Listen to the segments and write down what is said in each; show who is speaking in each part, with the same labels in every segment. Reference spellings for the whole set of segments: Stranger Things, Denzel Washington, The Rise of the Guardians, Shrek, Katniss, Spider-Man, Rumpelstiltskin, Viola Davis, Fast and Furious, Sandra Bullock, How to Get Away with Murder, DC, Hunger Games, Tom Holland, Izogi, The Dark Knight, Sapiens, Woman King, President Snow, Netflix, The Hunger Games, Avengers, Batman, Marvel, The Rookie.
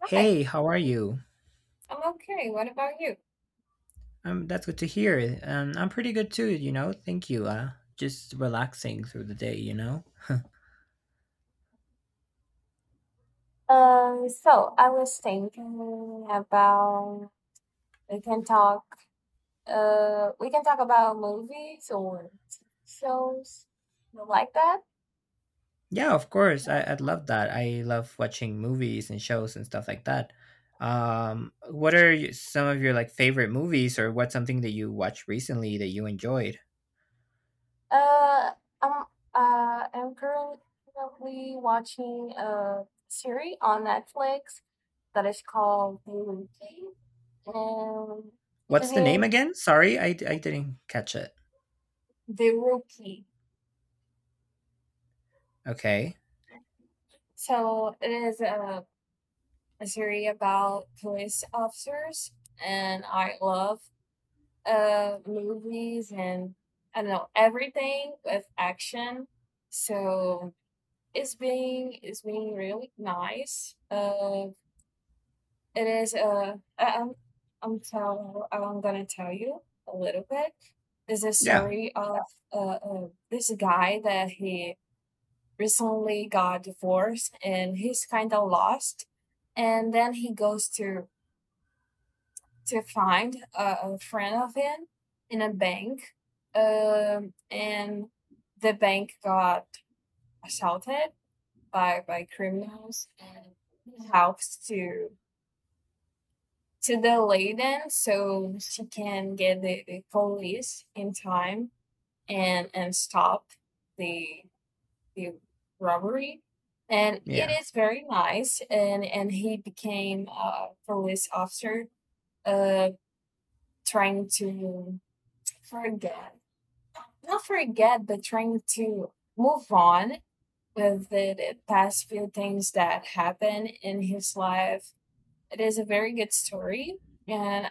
Speaker 1: Hi,
Speaker 2: Hey, how are you?
Speaker 1: I'm okay. What about you?
Speaker 2: That's good to hear. I'm pretty good too, you know. Thank you. Just relaxing through the day, you know.
Speaker 1: So I was thinking about we can talk we can talk about movies or TV shows you like that.
Speaker 2: Yeah, of course. I'd love that. I love watching movies and shows and stuff like that. What are some of your like favorite movies, or what's something that you watched recently that you enjoyed?
Speaker 1: Uh I'm I'm currently watching a series on Netflix that is called The Rookie. And it's
Speaker 2: What's the name
Speaker 1: been
Speaker 2: again? Sorry, I didn't catch it.
Speaker 1: The Rookie.
Speaker 2: Okay.
Speaker 1: So it is a series about police officers, and I love movies and I don't know everything with action. So it's being really nice. It is I'm gonna tell you a little bit. There's a
Speaker 2: Yeah.
Speaker 1: story of this guy that he recently got divorced and he's kind of lost, and then he goes to find a friend of him in a bank, and the bank got assaulted by criminals, and helps to delay them so she can get the police in time and stop the the robbery. And
Speaker 2: Yeah.
Speaker 1: it is very nice, and he became a police officer uh trying to forget, not forget but trying to move on with the past few things that happened in his life. It is a very good story, and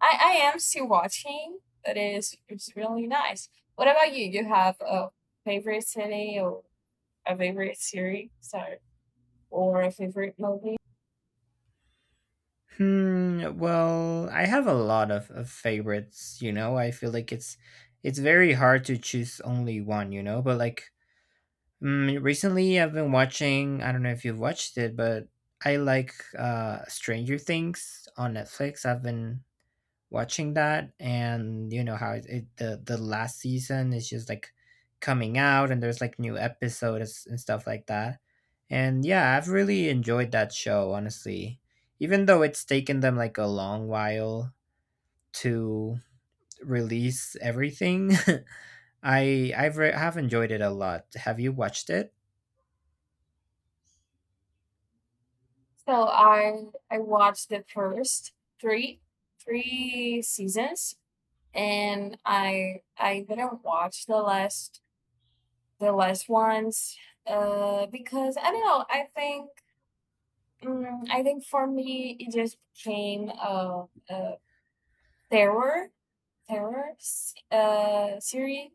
Speaker 1: I am still watching. That is, it's really nice. What about you? You have a favorite city or a favorite series, or a favorite movie?
Speaker 2: Hmm. Well, I have a lot of favorites, you know. I feel like it's very hard to choose only one, you know. But like recently, I've been watching. I don't know if you've watched it, but I like Stranger Things on Netflix. I've been watching that, and you know how it, it the last season is just like coming out and there's like new episodes and stuff like that, and yeah, I've really enjoyed that show, honestly, even though it's taken them like a long while to release everything. I have enjoyed it a lot. Have you watched it?
Speaker 1: So I watched the first three three seasons, and I didn't watch the last. The last ones, because I don't know. I think for me it just became a terror series,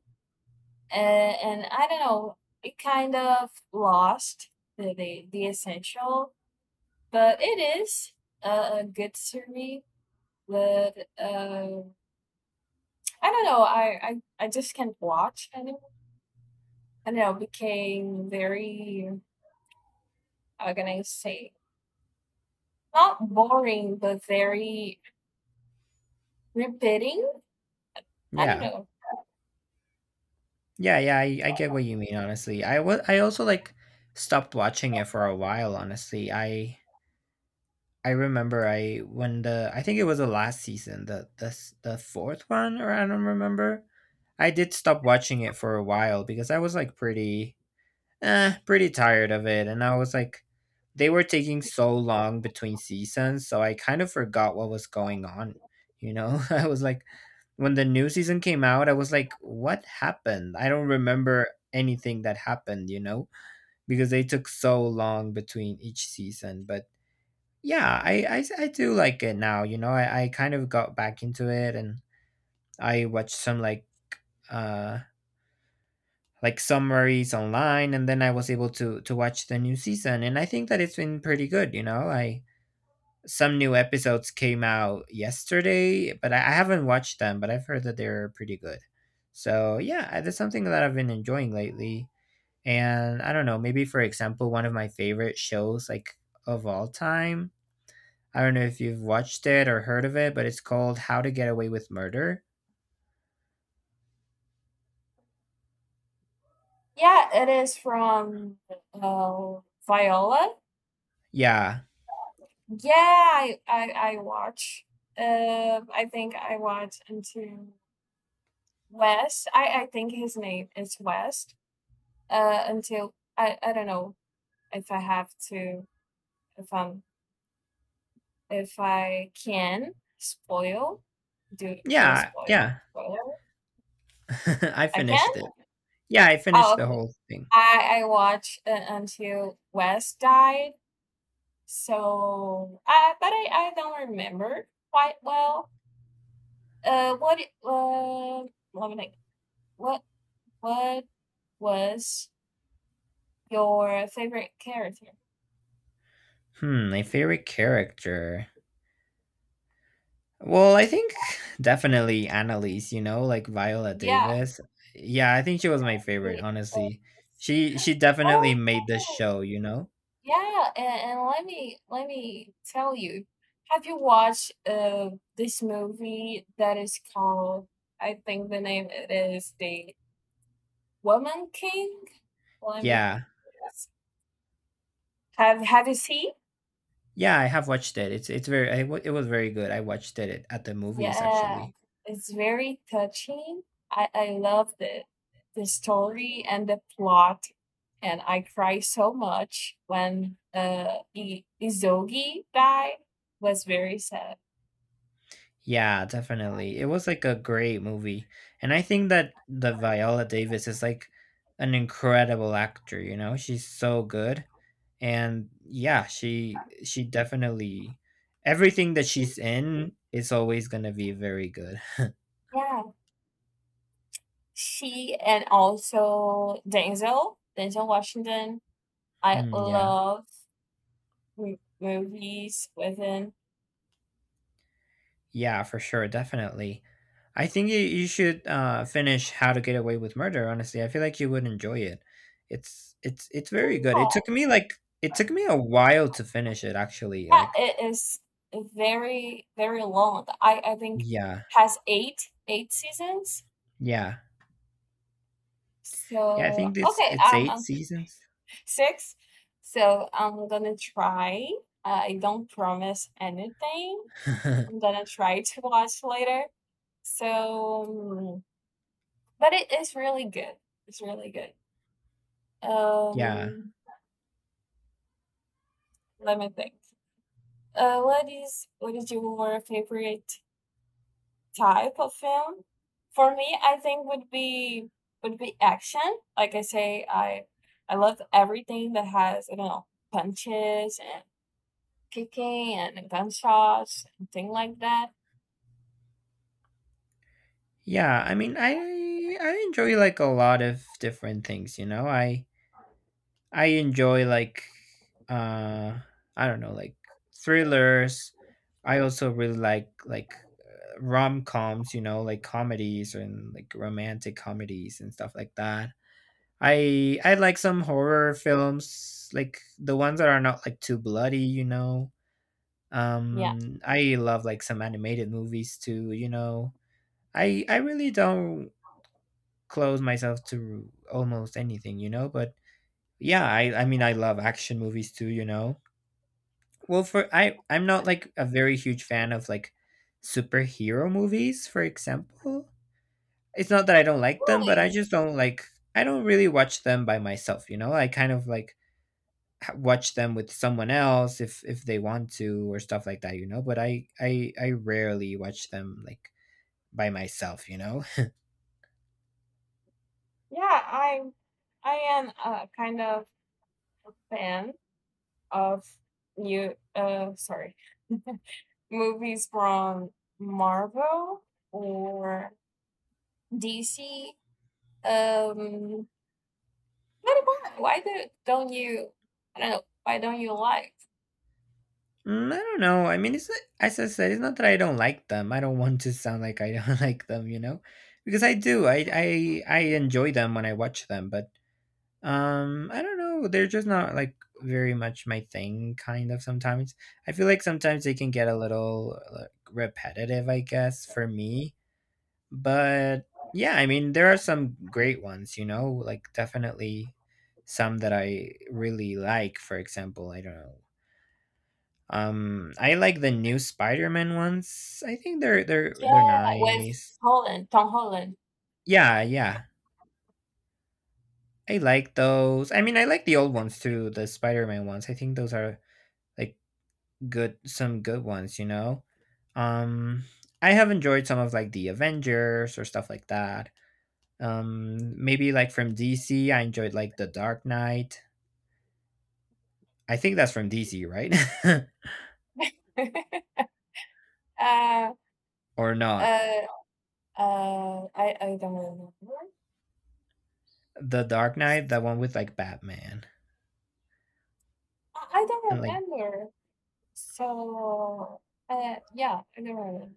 Speaker 1: and I don't know. It kind of lost the essential, but it is a good series. But I don't know. I just can't watch anymore. I don't know. Became very. How can I say? Not boring, but very repeating. I don't
Speaker 2: Yeah.
Speaker 1: know.
Speaker 2: Yeah, yeah, I get what you mean, honestly. I also like stopped watching it for a while, honestly. I remember I think it was the last season, the fourth one, or I don't remember. I did stop watching it for a while because I was like pretty pretty tired of it. And I was like, they were taking so long between seasons, so I kind of forgot what was going on. I was like, when the new season came out, I was like, what happened? I don't remember anything that happened, you know, because they took so long between each season. But yeah, I do like it now, you know. I kind of got back into it and I watched some uh, like summaries online, and then I was able to watch the new season, and I think that it's been pretty good, you know? I Some new episodes came out yesterday, but I haven't watched them, but I've heard that they're pretty good. So yeah, that's something that I've been enjoying lately. And I don't know, maybe for example, one of my favorite shows like of all time. I don't know if you've watched it or heard of it, but it's called How to Get Away with Murder.
Speaker 1: Yeah, it is from uh, Viola.
Speaker 2: Yeah.
Speaker 1: Yeah, I watch. I think I watch until West. I think his name is West. Until I don't know if I have to, if I'm, if I can spoil, do
Speaker 2: Yeah,
Speaker 1: spoil,
Speaker 2: yeah.
Speaker 1: spoiler.
Speaker 2: I
Speaker 1: I can.
Speaker 2: finished it. Yeah, I
Speaker 1: Oh,
Speaker 2: finished the
Speaker 1: okay.
Speaker 2: whole thing.
Speaker 1: I watched until West died, so I, but I don't remember quite well. Uh, what it- uh, let me think. What what was your favorite character?
Speaker 2: Hmm, my favorite character. Well, I think definitely Annalise, you know, like Viola
Speaker 1: Yeah.
Speaker 2: Davis. Yeah, I think she was my favorite,
Speaker 1: the, uh,
Speaker 2: honestly. She definitely
Speaker 1: Oh
Speaker 2: made the show, you know?
Speaker 1: yeah, and, let me tell you. Have you watched this movie that is called? I think the name it is the Woman King? Woman.
Speaker 2: Yeah.
Speaker 1: Yes. Have you seen?
Speaker 2: Yeah, I have watched it. It's very it was very good. I watched it at the movies
Speaker 1: Yeah,
Speaker 2: actually.
Speaker 1: it's very touching. I love the story and the plot, and I cry so much when I- Izogi died. Was very sad.
Speaker 2: Yeah, definitely. It was like a great movie. And I think that the Viola Davis is like an incredible actor, you know? She's so good. And yeah, she definitely, everything that she's in is always going to be very good.
Speaker 1: Yeah, she and also Denzel Washington. I
Speaker 2: Yeah.
Speaker 1: love m- movies with him.
Speaker 2: Yeah, for sure, definitely. I think you should finish How to Get Away with Murder, honestly. I feel like you would enjoy it. It's very good. It took me
Speaker 1: Yeah.
Speaker 2: like, it took me a while to finish it actually,
Speaker 1: Yeah,
Speaker 2: like,
Speaker 1: it is very, very long. I think
Speaker 2: yeah.
Speaker 1: has eight seasons.
Speaker 2: Yeah, yeah, I
Speaker 1: So
Speaker 2: think
Speaker 1: okay,
Speaker 2: it's eight seasons.
Speaker 1: six. So I'm gonna try. I don't promise anything. I'm gonna try to watch later. So, but it is really good. It's really good.
Speaker 2: Yeah.
Speaker 1: Um, Let me think. What is your favorite type of film? For me I think would be, would be action. Like I say, I love everything that has, you know, punches and kicking and gunshots and thing like that.
Speaker 2: Yeah, I mean, I enjoy like a lot of different things, you know. I enjoy like uh I don't know, like thrillers. I also really like rom-coms, you know, like comedies and like romantic comedies and stuff like that. I like some horror films, like the ones that are not like too bloody, you know.
Speaker 1: Yeah.
Speaker 2: I love like some animated movies too, you know. I really don't close myself to almost anything, you know. But yeah, I mean I love action movies too, you know. Well, for I'm not like a very huge fan of like superhero movies, for example. It's not that I don't like them, but I
Speaker 1: Really?
Speaker 2: just don't like, I don't really watch them by myself, you know. I kind of like watch them with someone else if they want to or stuff like that, you know. But I rarely watch them like by myself, you know.
Speaker 1: yeah i I am a kind of fan of you sorry movies from Marvel or DC. um But why? Don't you? I don't know. Why don't you like?
Speaker 2: I don't know. I mean, it's not, as I said, it's not that I don't like them. I don't want to sound like I don't like them, you know, because I do. I enjoy them when I watch them, but I don't know. They're just not like very much my thing. Kind of sometimes I feel like sometimes they can get a little like, repetitive, I guess, for me. But yeah, I mean, there are some great ones, you know, like definitely some that I really like. For example, I don't know, I like the new Spider-Man ones. I think
Speaker 1: Yeah,
Speaker 2: they're
Speaker 1: with
Speaker 2: nice.
Speaker 1: Tom Holland.
Speaker 2: Yeah, yeah. I like those. I mean, I like the old ones too, the Spider-Man ones. I think those are like good, some good ones, you know. Um, I have enjoyed some of like the Avengers or stuff like that. Maybe like from DC, I enjoyed like The Dark Knight. I think that's from DC, right?
Speaker 1: uh,
Speaker 2: Or not.
Speaker 1: uh, I don't remember.
Speaker 2: The Dark Knight, that one with like Batman
Speaker 1: I don't
Speaker 2: and like,
Speaker 1: remember. So yeah, I don't remember.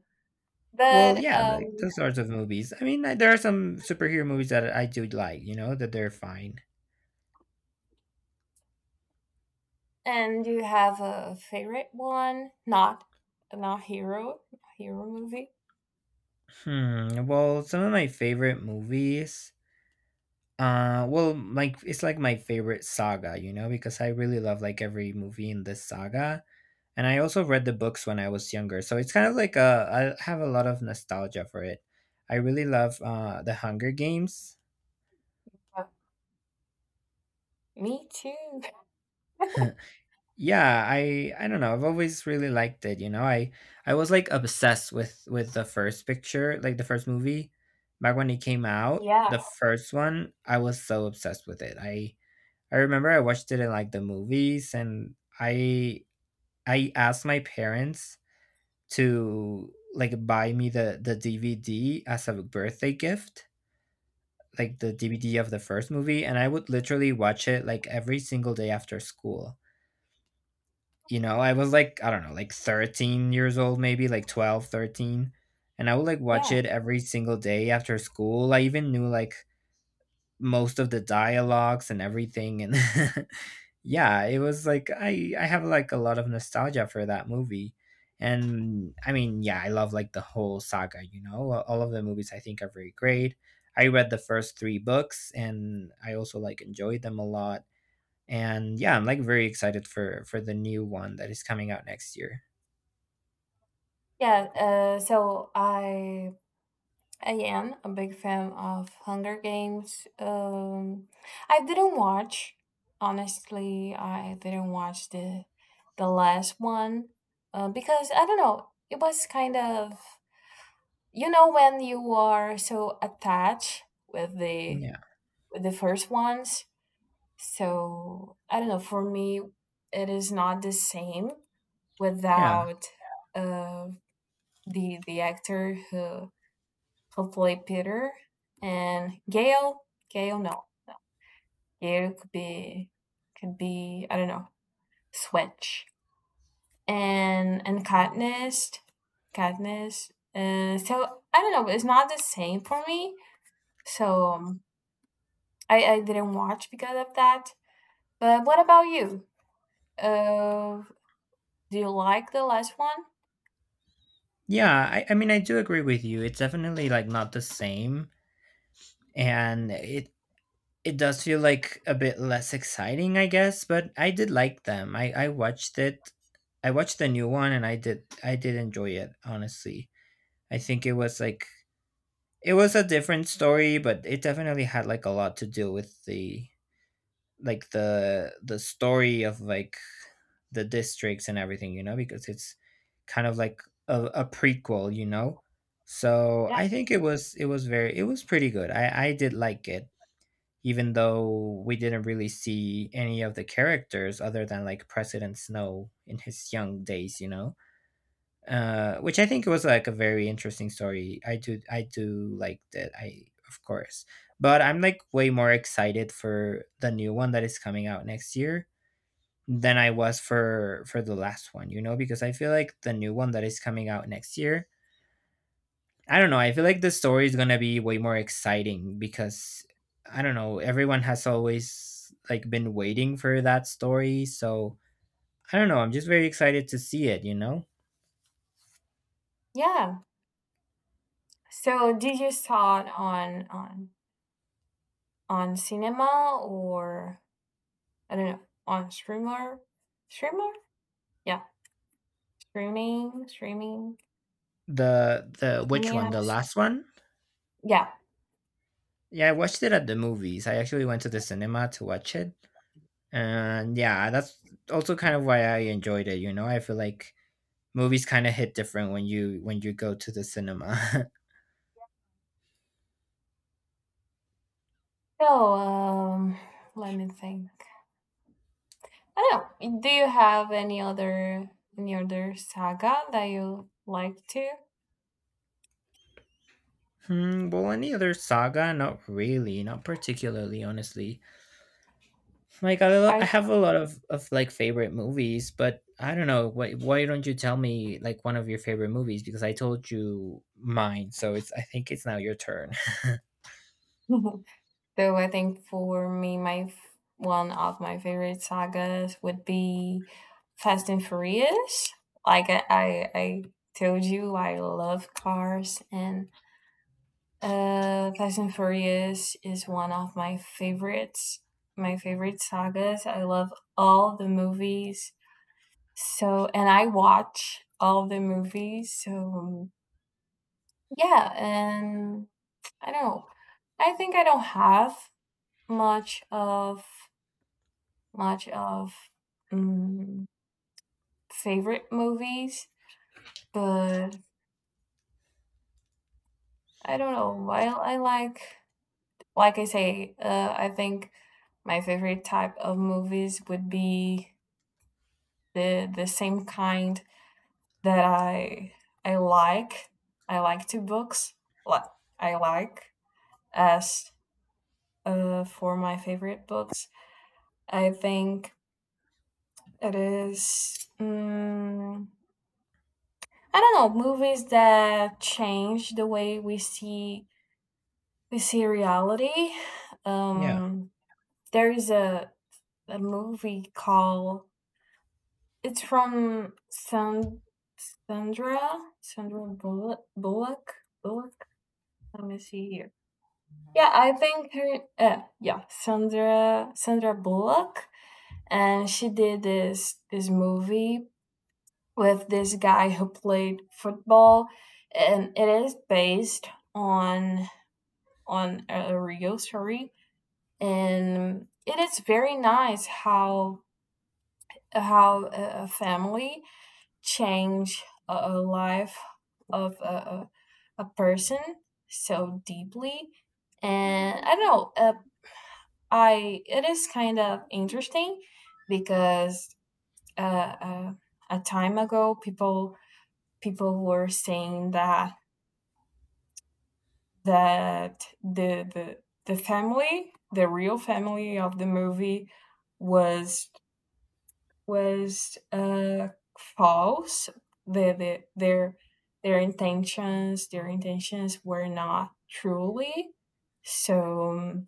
Speaker 2: well,
Speaker 1: But
Speaker 2: yeah, like those sorts of movies. I mean, like, there are some superhero movies that I do like, you know, that they're fine.
Speaker 1: and you have a favorite one? Not not hero, hero movie.
Speaker 2: Hmm. Well, some of my favorite movies. Well, like it's like my favorite saga, you know, because I really love like every movie in this saga, and I also read the books when I was younger, so it's kind of like I have a lot of nostalgia for it. I really love the Hunger Games.
Speaker 1: Yeah. Me too.
Speaker 2: Yeah, I don't know. I've always really liked it, you know. I was like obsessed with the first picture, like the first movie back when it came out. The
Speaker 1: Yeah,
Speaker 2: first one, I was so obsessed with it. I remember I watched it in like the movies, and I I asked my parents to like buy me the DVD as a birthday gift, like the DVD of the first movie, and I would literally watch it like every single day after school. You know, I was like, I don't know, like 13 years old, maybe like 12, 13, and I would like watch
Speaker 1: yeah,
Speaker 2: it every single day after school. I even knew like most of the dialogues and everything. And yeah, it was like, I have like a lot of nostalgia for that movie. And I mean, yeah, I love like the whole saga, you know. All of the movies I think are very great. I read the first three books and I also like enjoyed them a lot, and yeah, I'm like very excited for the new one that is coming out next year.
Speaker 1: yeah. Uh, so I I am a big fan of Hunger Games. I didn't watch, honestly. I didn't watch the last one, because I don't know. It was kind of, you know, when you are so attached with the
Speaker 2: Yeah.
Speaker 1: with the first ones. So I don't know. For me, it is not the same
Speaker 2: Yeah.
Speaker 1: without uh, the actor who played Peter and Gale. Gale, no, no. Gale could be, could be, I don't know. Switch and Katniss, Katniss. So I don't know. It's not the same for me. So I didn't watch because of that. But what about you? Uh, Do you like the last one?
Speaker 2: Yeah, I mean I do agree with you. It's definitely like not the same, and it does feel like a bit less exciting, I guess, but I did like them. I watched it. I watched the new one and I did enjoy it, honestly. I think it was like, it was a different story, but it definitely had like a lot to do with the like the story of like the districts and everything, you know, because it's kind of like a prequel, you know. So
Speaker 1: Yeah.
Speaker 2: I think it was very it was pretty good. I did like it, even though we didn't really see any of the characters other than like President Snow in his young days, you know. Which I think was like a very interesting story. I do like that. I of course, but I'm like way more excited for the new one that is coming out next year than I was for the last one, you know, because I feel like the new one that is coming out next year, I don't know, I feel like the story is going to be way more exciting because I don't know, everyone has always like been waiting for that story, so I don't know, I'm just very excited to see it, you know.
Speaker 1: Yeah. So did you start on on cinema, or I don't know, on streamer? Streamer? Yeah. Streaming, streaming,
Speaker 2: The which
Speaker 1: streaming
Speaker 2: one? The
Speaker 1: apps.
Speaker 2: last one?
Speaker 1: Yeah.
Speaker 2: Yeah, I watched it at the movies. I actually went to the cinema to watch it. And yeah, that's also kind of why I enjoyed it, you know. I feel like movies kind of hit different when you go to the cinema.
Speaker 1: So um let me think. I don't know. Do you have any other, any other saga that you like to?
Speaker 2: Hmm, well, any other saga? Not really, not particularly, honestly. Like I
Speaker 1: I
Speaker 2: have a lot of like favorite movies, but I don't know. Why don't you tell me like one of your favorite movies? Because I told you mine, so it's I think it's now your turn.
Speaker 1: Though I think for me, my f- one of my favorite sagas would be Fast and Furious. I told you, I love cars, and Fast and Furious is one of my favorites. My favorite sagas. I love all the movies. So, and I watch all the movies. So, yeah, and I don't. I think I don't have much of much of mm, favorite movies, but I don't know. While I like I say, I think my favorite type of movies would be the same kind that I like. I like two books. Like I like as, for my favorite books. I think it is. I don't know, movies that change the way we see. We see reality.
Speaker 2: Yeah.
Speaker 1: Um, there is a movie called. It's from Sandra Sandra Bullock, Bullock. Let me see here. Yeah, I think her. Yeah, Sandra Bullock, and she did this movie with this guy who played football, and it is based on on a real story, and it is very nice how a family change life of a person so deeply. And I don't know, I it is kind of interesting because uh, uh, a time ago, people were saying that that the the the family, the real family of the movie was, was uh, false. The, the, their their intentions, were not truly. So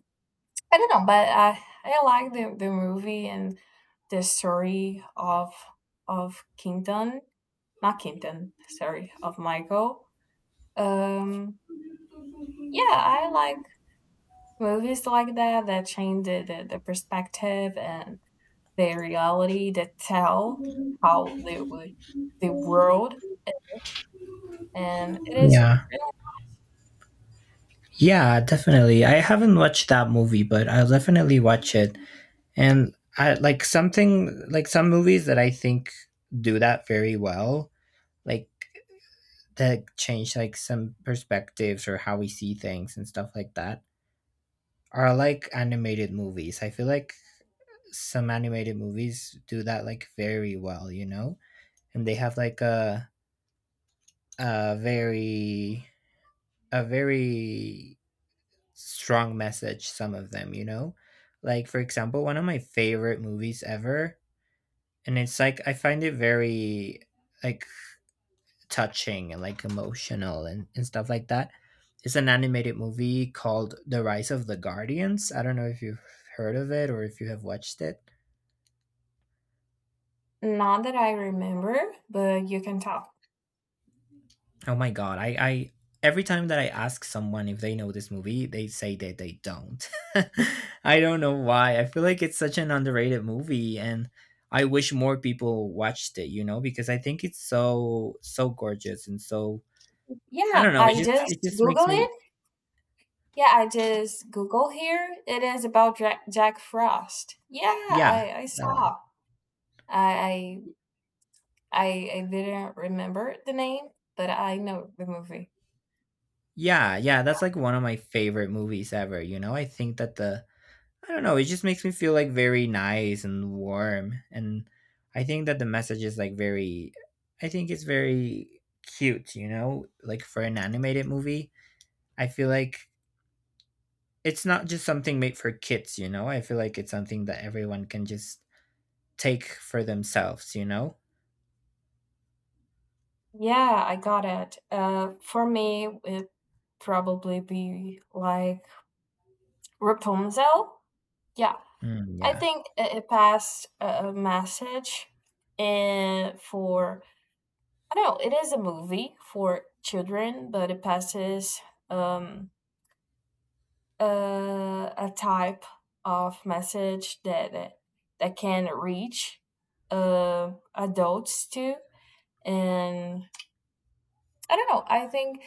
Speaker 1: I don't know, but I like the movie and the story of Kingdon, not Kingdon, sorry, of Michael. Um, yeah, I like movies like that, that change the perspective and the reality, that tell how the world, and it is.
Speaker 2: Yeah. Yeah, definitely. I haven't watched that movie, but I'll definitely watch it. And I like something like some movies that I think do that very well. Like that change like some perspectives or how we see things and stuff like that are like animated movies. I feel like some animated movies do that like very well, And they have like a very a very strong message some of them, Like for example, one of my favorite movies ever and it's like I find it very like touching and like emotional and stuff like that. It's an animated movie called The Rise of the Guardians. I don't know if you've heard of it or if you have watched it.
Speaker 1: Not that I remember, but you can tell.
Speaker 2: Oh my god, I every time that I ask someone if they know this movie, they say that they don't. I don't know why. I feel like it's such an underrated movie and I wish more people watched it, you know, because I think it's so so gorgeous and so I
Speaker 1: Yeah,
Speaker 2: don't know,
Speaker 1: I
Speaker 2: it
Speaker 1: just
Speaker 2: just makes
Speaker 1: Google
Speaker 2: me
Speaker 1: it. Yeah, I just Google here. It is about Jack, Jack Frost. Yeah,
Speaker 2: yeah,
Speaker 1: I
Speaker 2: that one.
Speaker 1: saw. I, I I didn't remember the name, but I know the movie.
Speaker 2: Yeah, yeah, that's like one of my favorite movies ever, I think that the I don't know, it just makes me feel like very nice and warm and I think that the message is like very I think it's very cute, Like for an animated movie, I feel like it's not just something made for kids, I feel like it's something that everyone can just take for themselves,
Speaker 1: Yeah, I got it. For me, it probably be like Rapunzel. Yeah,
Speaker 2: Mm,
Speaker 1: I
Speaker 2: yeah.
Speaker 1: think it, it passed a message. And for, I don't know, it is a movie for children, but it passes um a type of message that that can reach adults too. And I don't know, I think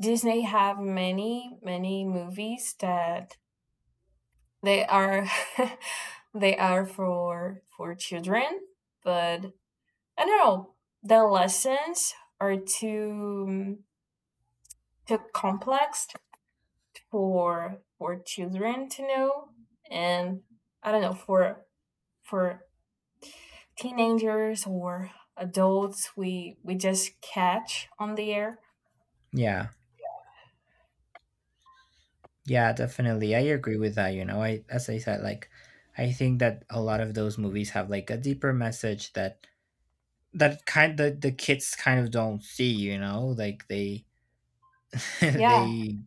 Speaker 1: Disney have many movies that they are they are for children, but I don't know. The lessons are too, too complex for children to know, and I don't know for for teenagers or adults. We just catch on the air.
Speaker 2: Yeah. Yeah, definitely. I agree with that. I as I said, like I think that a lot of those movies have like a deeper message that kind that the kids kind of don't see, Like they
Speaker 1: Yeah,
Speaker 2: they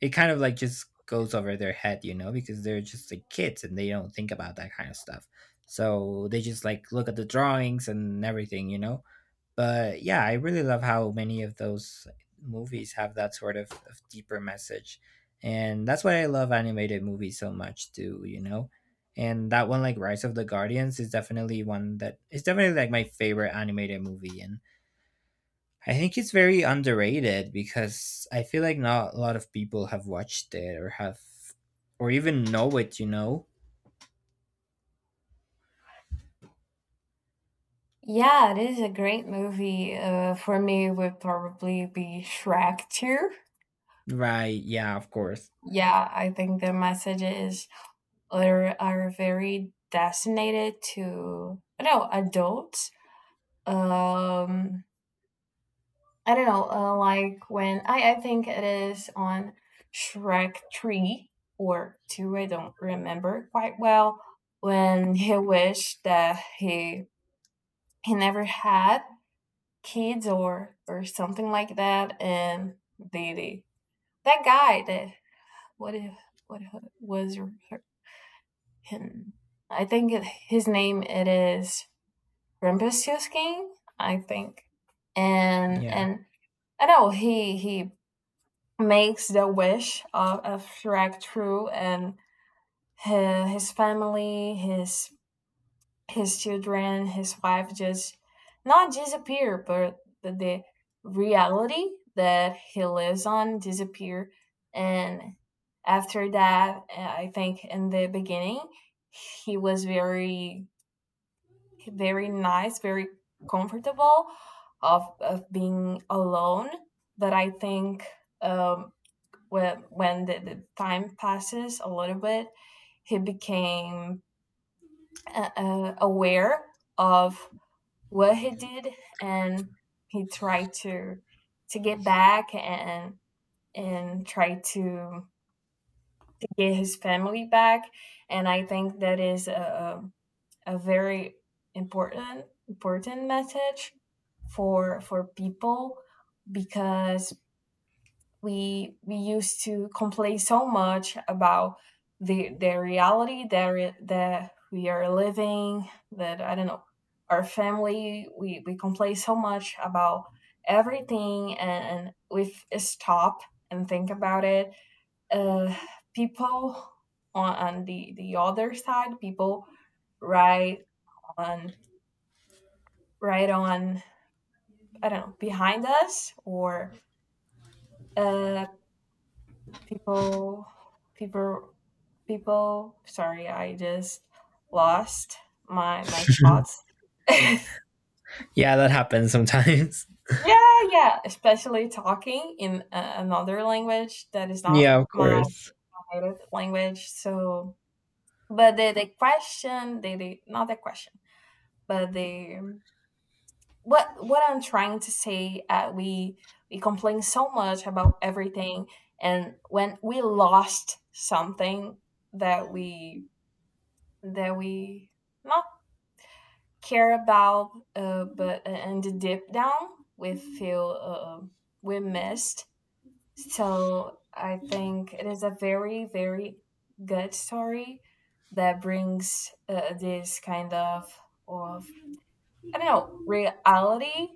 Speaker 2: it kind of like just goes over their head, you know, because they're just like kids and they don't think about that kind of stuff. So they just like look at the drawings and everything, But yeah, I really love how many of those movies have that sort of deeper message. And that's why I love animated movies so much too, And that one like Rise of the Guardians is definitely one that is definitely like my favorite animated movie and I think it's very underrated because I feel like not a lot of people have watched it or have or even know it,
Speaker 1: yeah. It is a great movie. For me, it would probably be Shrek Two.
Speaker 2: Right, yeah, of course.
Speaker 1: Yeah, I think the messages are very designated to, I don't know, adults. um I don't know, like when I think it is on Shrek 3 or 2, I don't remember quite well, when he wished that he never had kids or something like that, and the, that guy that, what if, what was him. I think his name it is Rumpelstiltskin, I think. and
Speaker 2: Yeah.
Speaker 1: and I know he makes the wish of, Shrek true, and his, his family, his his children, his wife just not disappear, but the reality that he lives on disappear. And after that, I think in the beginning, he was very, very nice, very comfortable of being alone. But I think um, where when the time passes a little bit, he became aware of what he did, and he tried to get back, and try to get his family back. And I think that is a very important message for people, because we used to complain so much about the reality that that we are living, that I don't know, our family. We complain so much about everything, and if we stop and think about it, uh people on the other side, people right on, right on I don't know, behind us, or uh people people people, sorry, I just lost my thoughts. Yeah.
Speaker 2: Yeah, that happens sometimes.
Speaker 1: Yeah, especially talking in a- another language that is not
Speaker 2: yeah, of
Speaker 1: my
Speaker 2: course.
Speaker 1: native language. So but the, not the question, but the, what I'm trying to say, we complain so much about everything, and when we lost something that we that we not care about, but and the deep down we feel, uh, we missed. So I think it is a very, very good story that brings this kind of of I don't know, reality,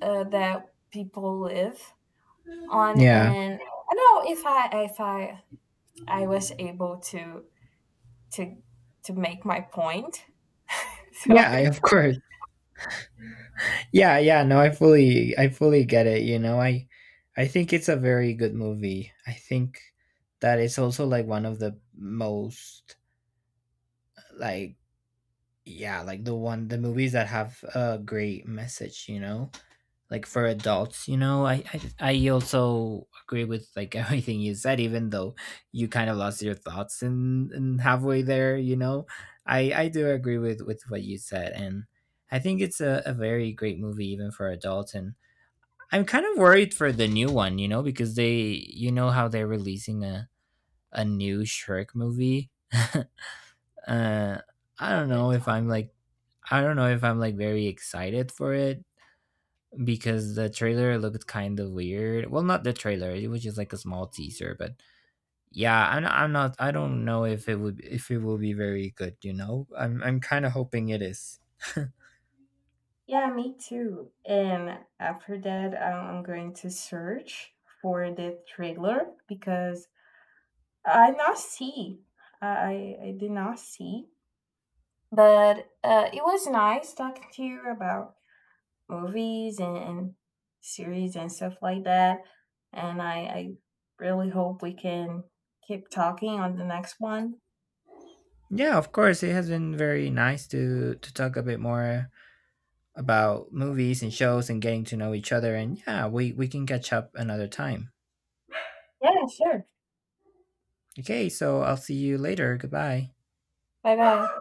Speaker 1: that people live on,
Speaker 2: Yeah.
Speaker 1: and I don't know if I if I was able to to to make my point.
Speaker 2: Yeah,
Speaker 1: Sorry.
Speaker 2: of course. Yeah, yeah, no, I fully get it, I think it's a very good movie. I think that it's also like one of the most like yeah, like the movies that have a great message, you know, like for adults, I also agree with like everything you said even though you kind of lost your thoughts in halfway there, I do agree with what you said and I think it's a very great movie even for adults and I'm kind of worried for the new one, you know, because they, you know, how they're releasing a new Shrek movie. I don't know if I'm like, I don't know if I'm like very excited for it because the trailer looked kind of weird. Well, not the trailer; it was just like a small teaser, but yeah, I'm not. I don't know if it would if it will be very good. You know, I'm kind of hoping it is.
Speaker 1: Yeah, me too. And after that, I'm going to search for the trailer, because I not see. I did not see. But it was nice talking to you about movies and series and stuff like that. And I really hope we can keep talking on the next one.
Speaker 2: yeah, of course, it has been very nice to talk a bit more about movies and shows and getting to know each other. And yeah, we can catch up another time.
Speaker 1: Yeah, sure.
Speaker 2: Okay, so I'll see you later. Goodbye.
Speaker 1: Bye bye.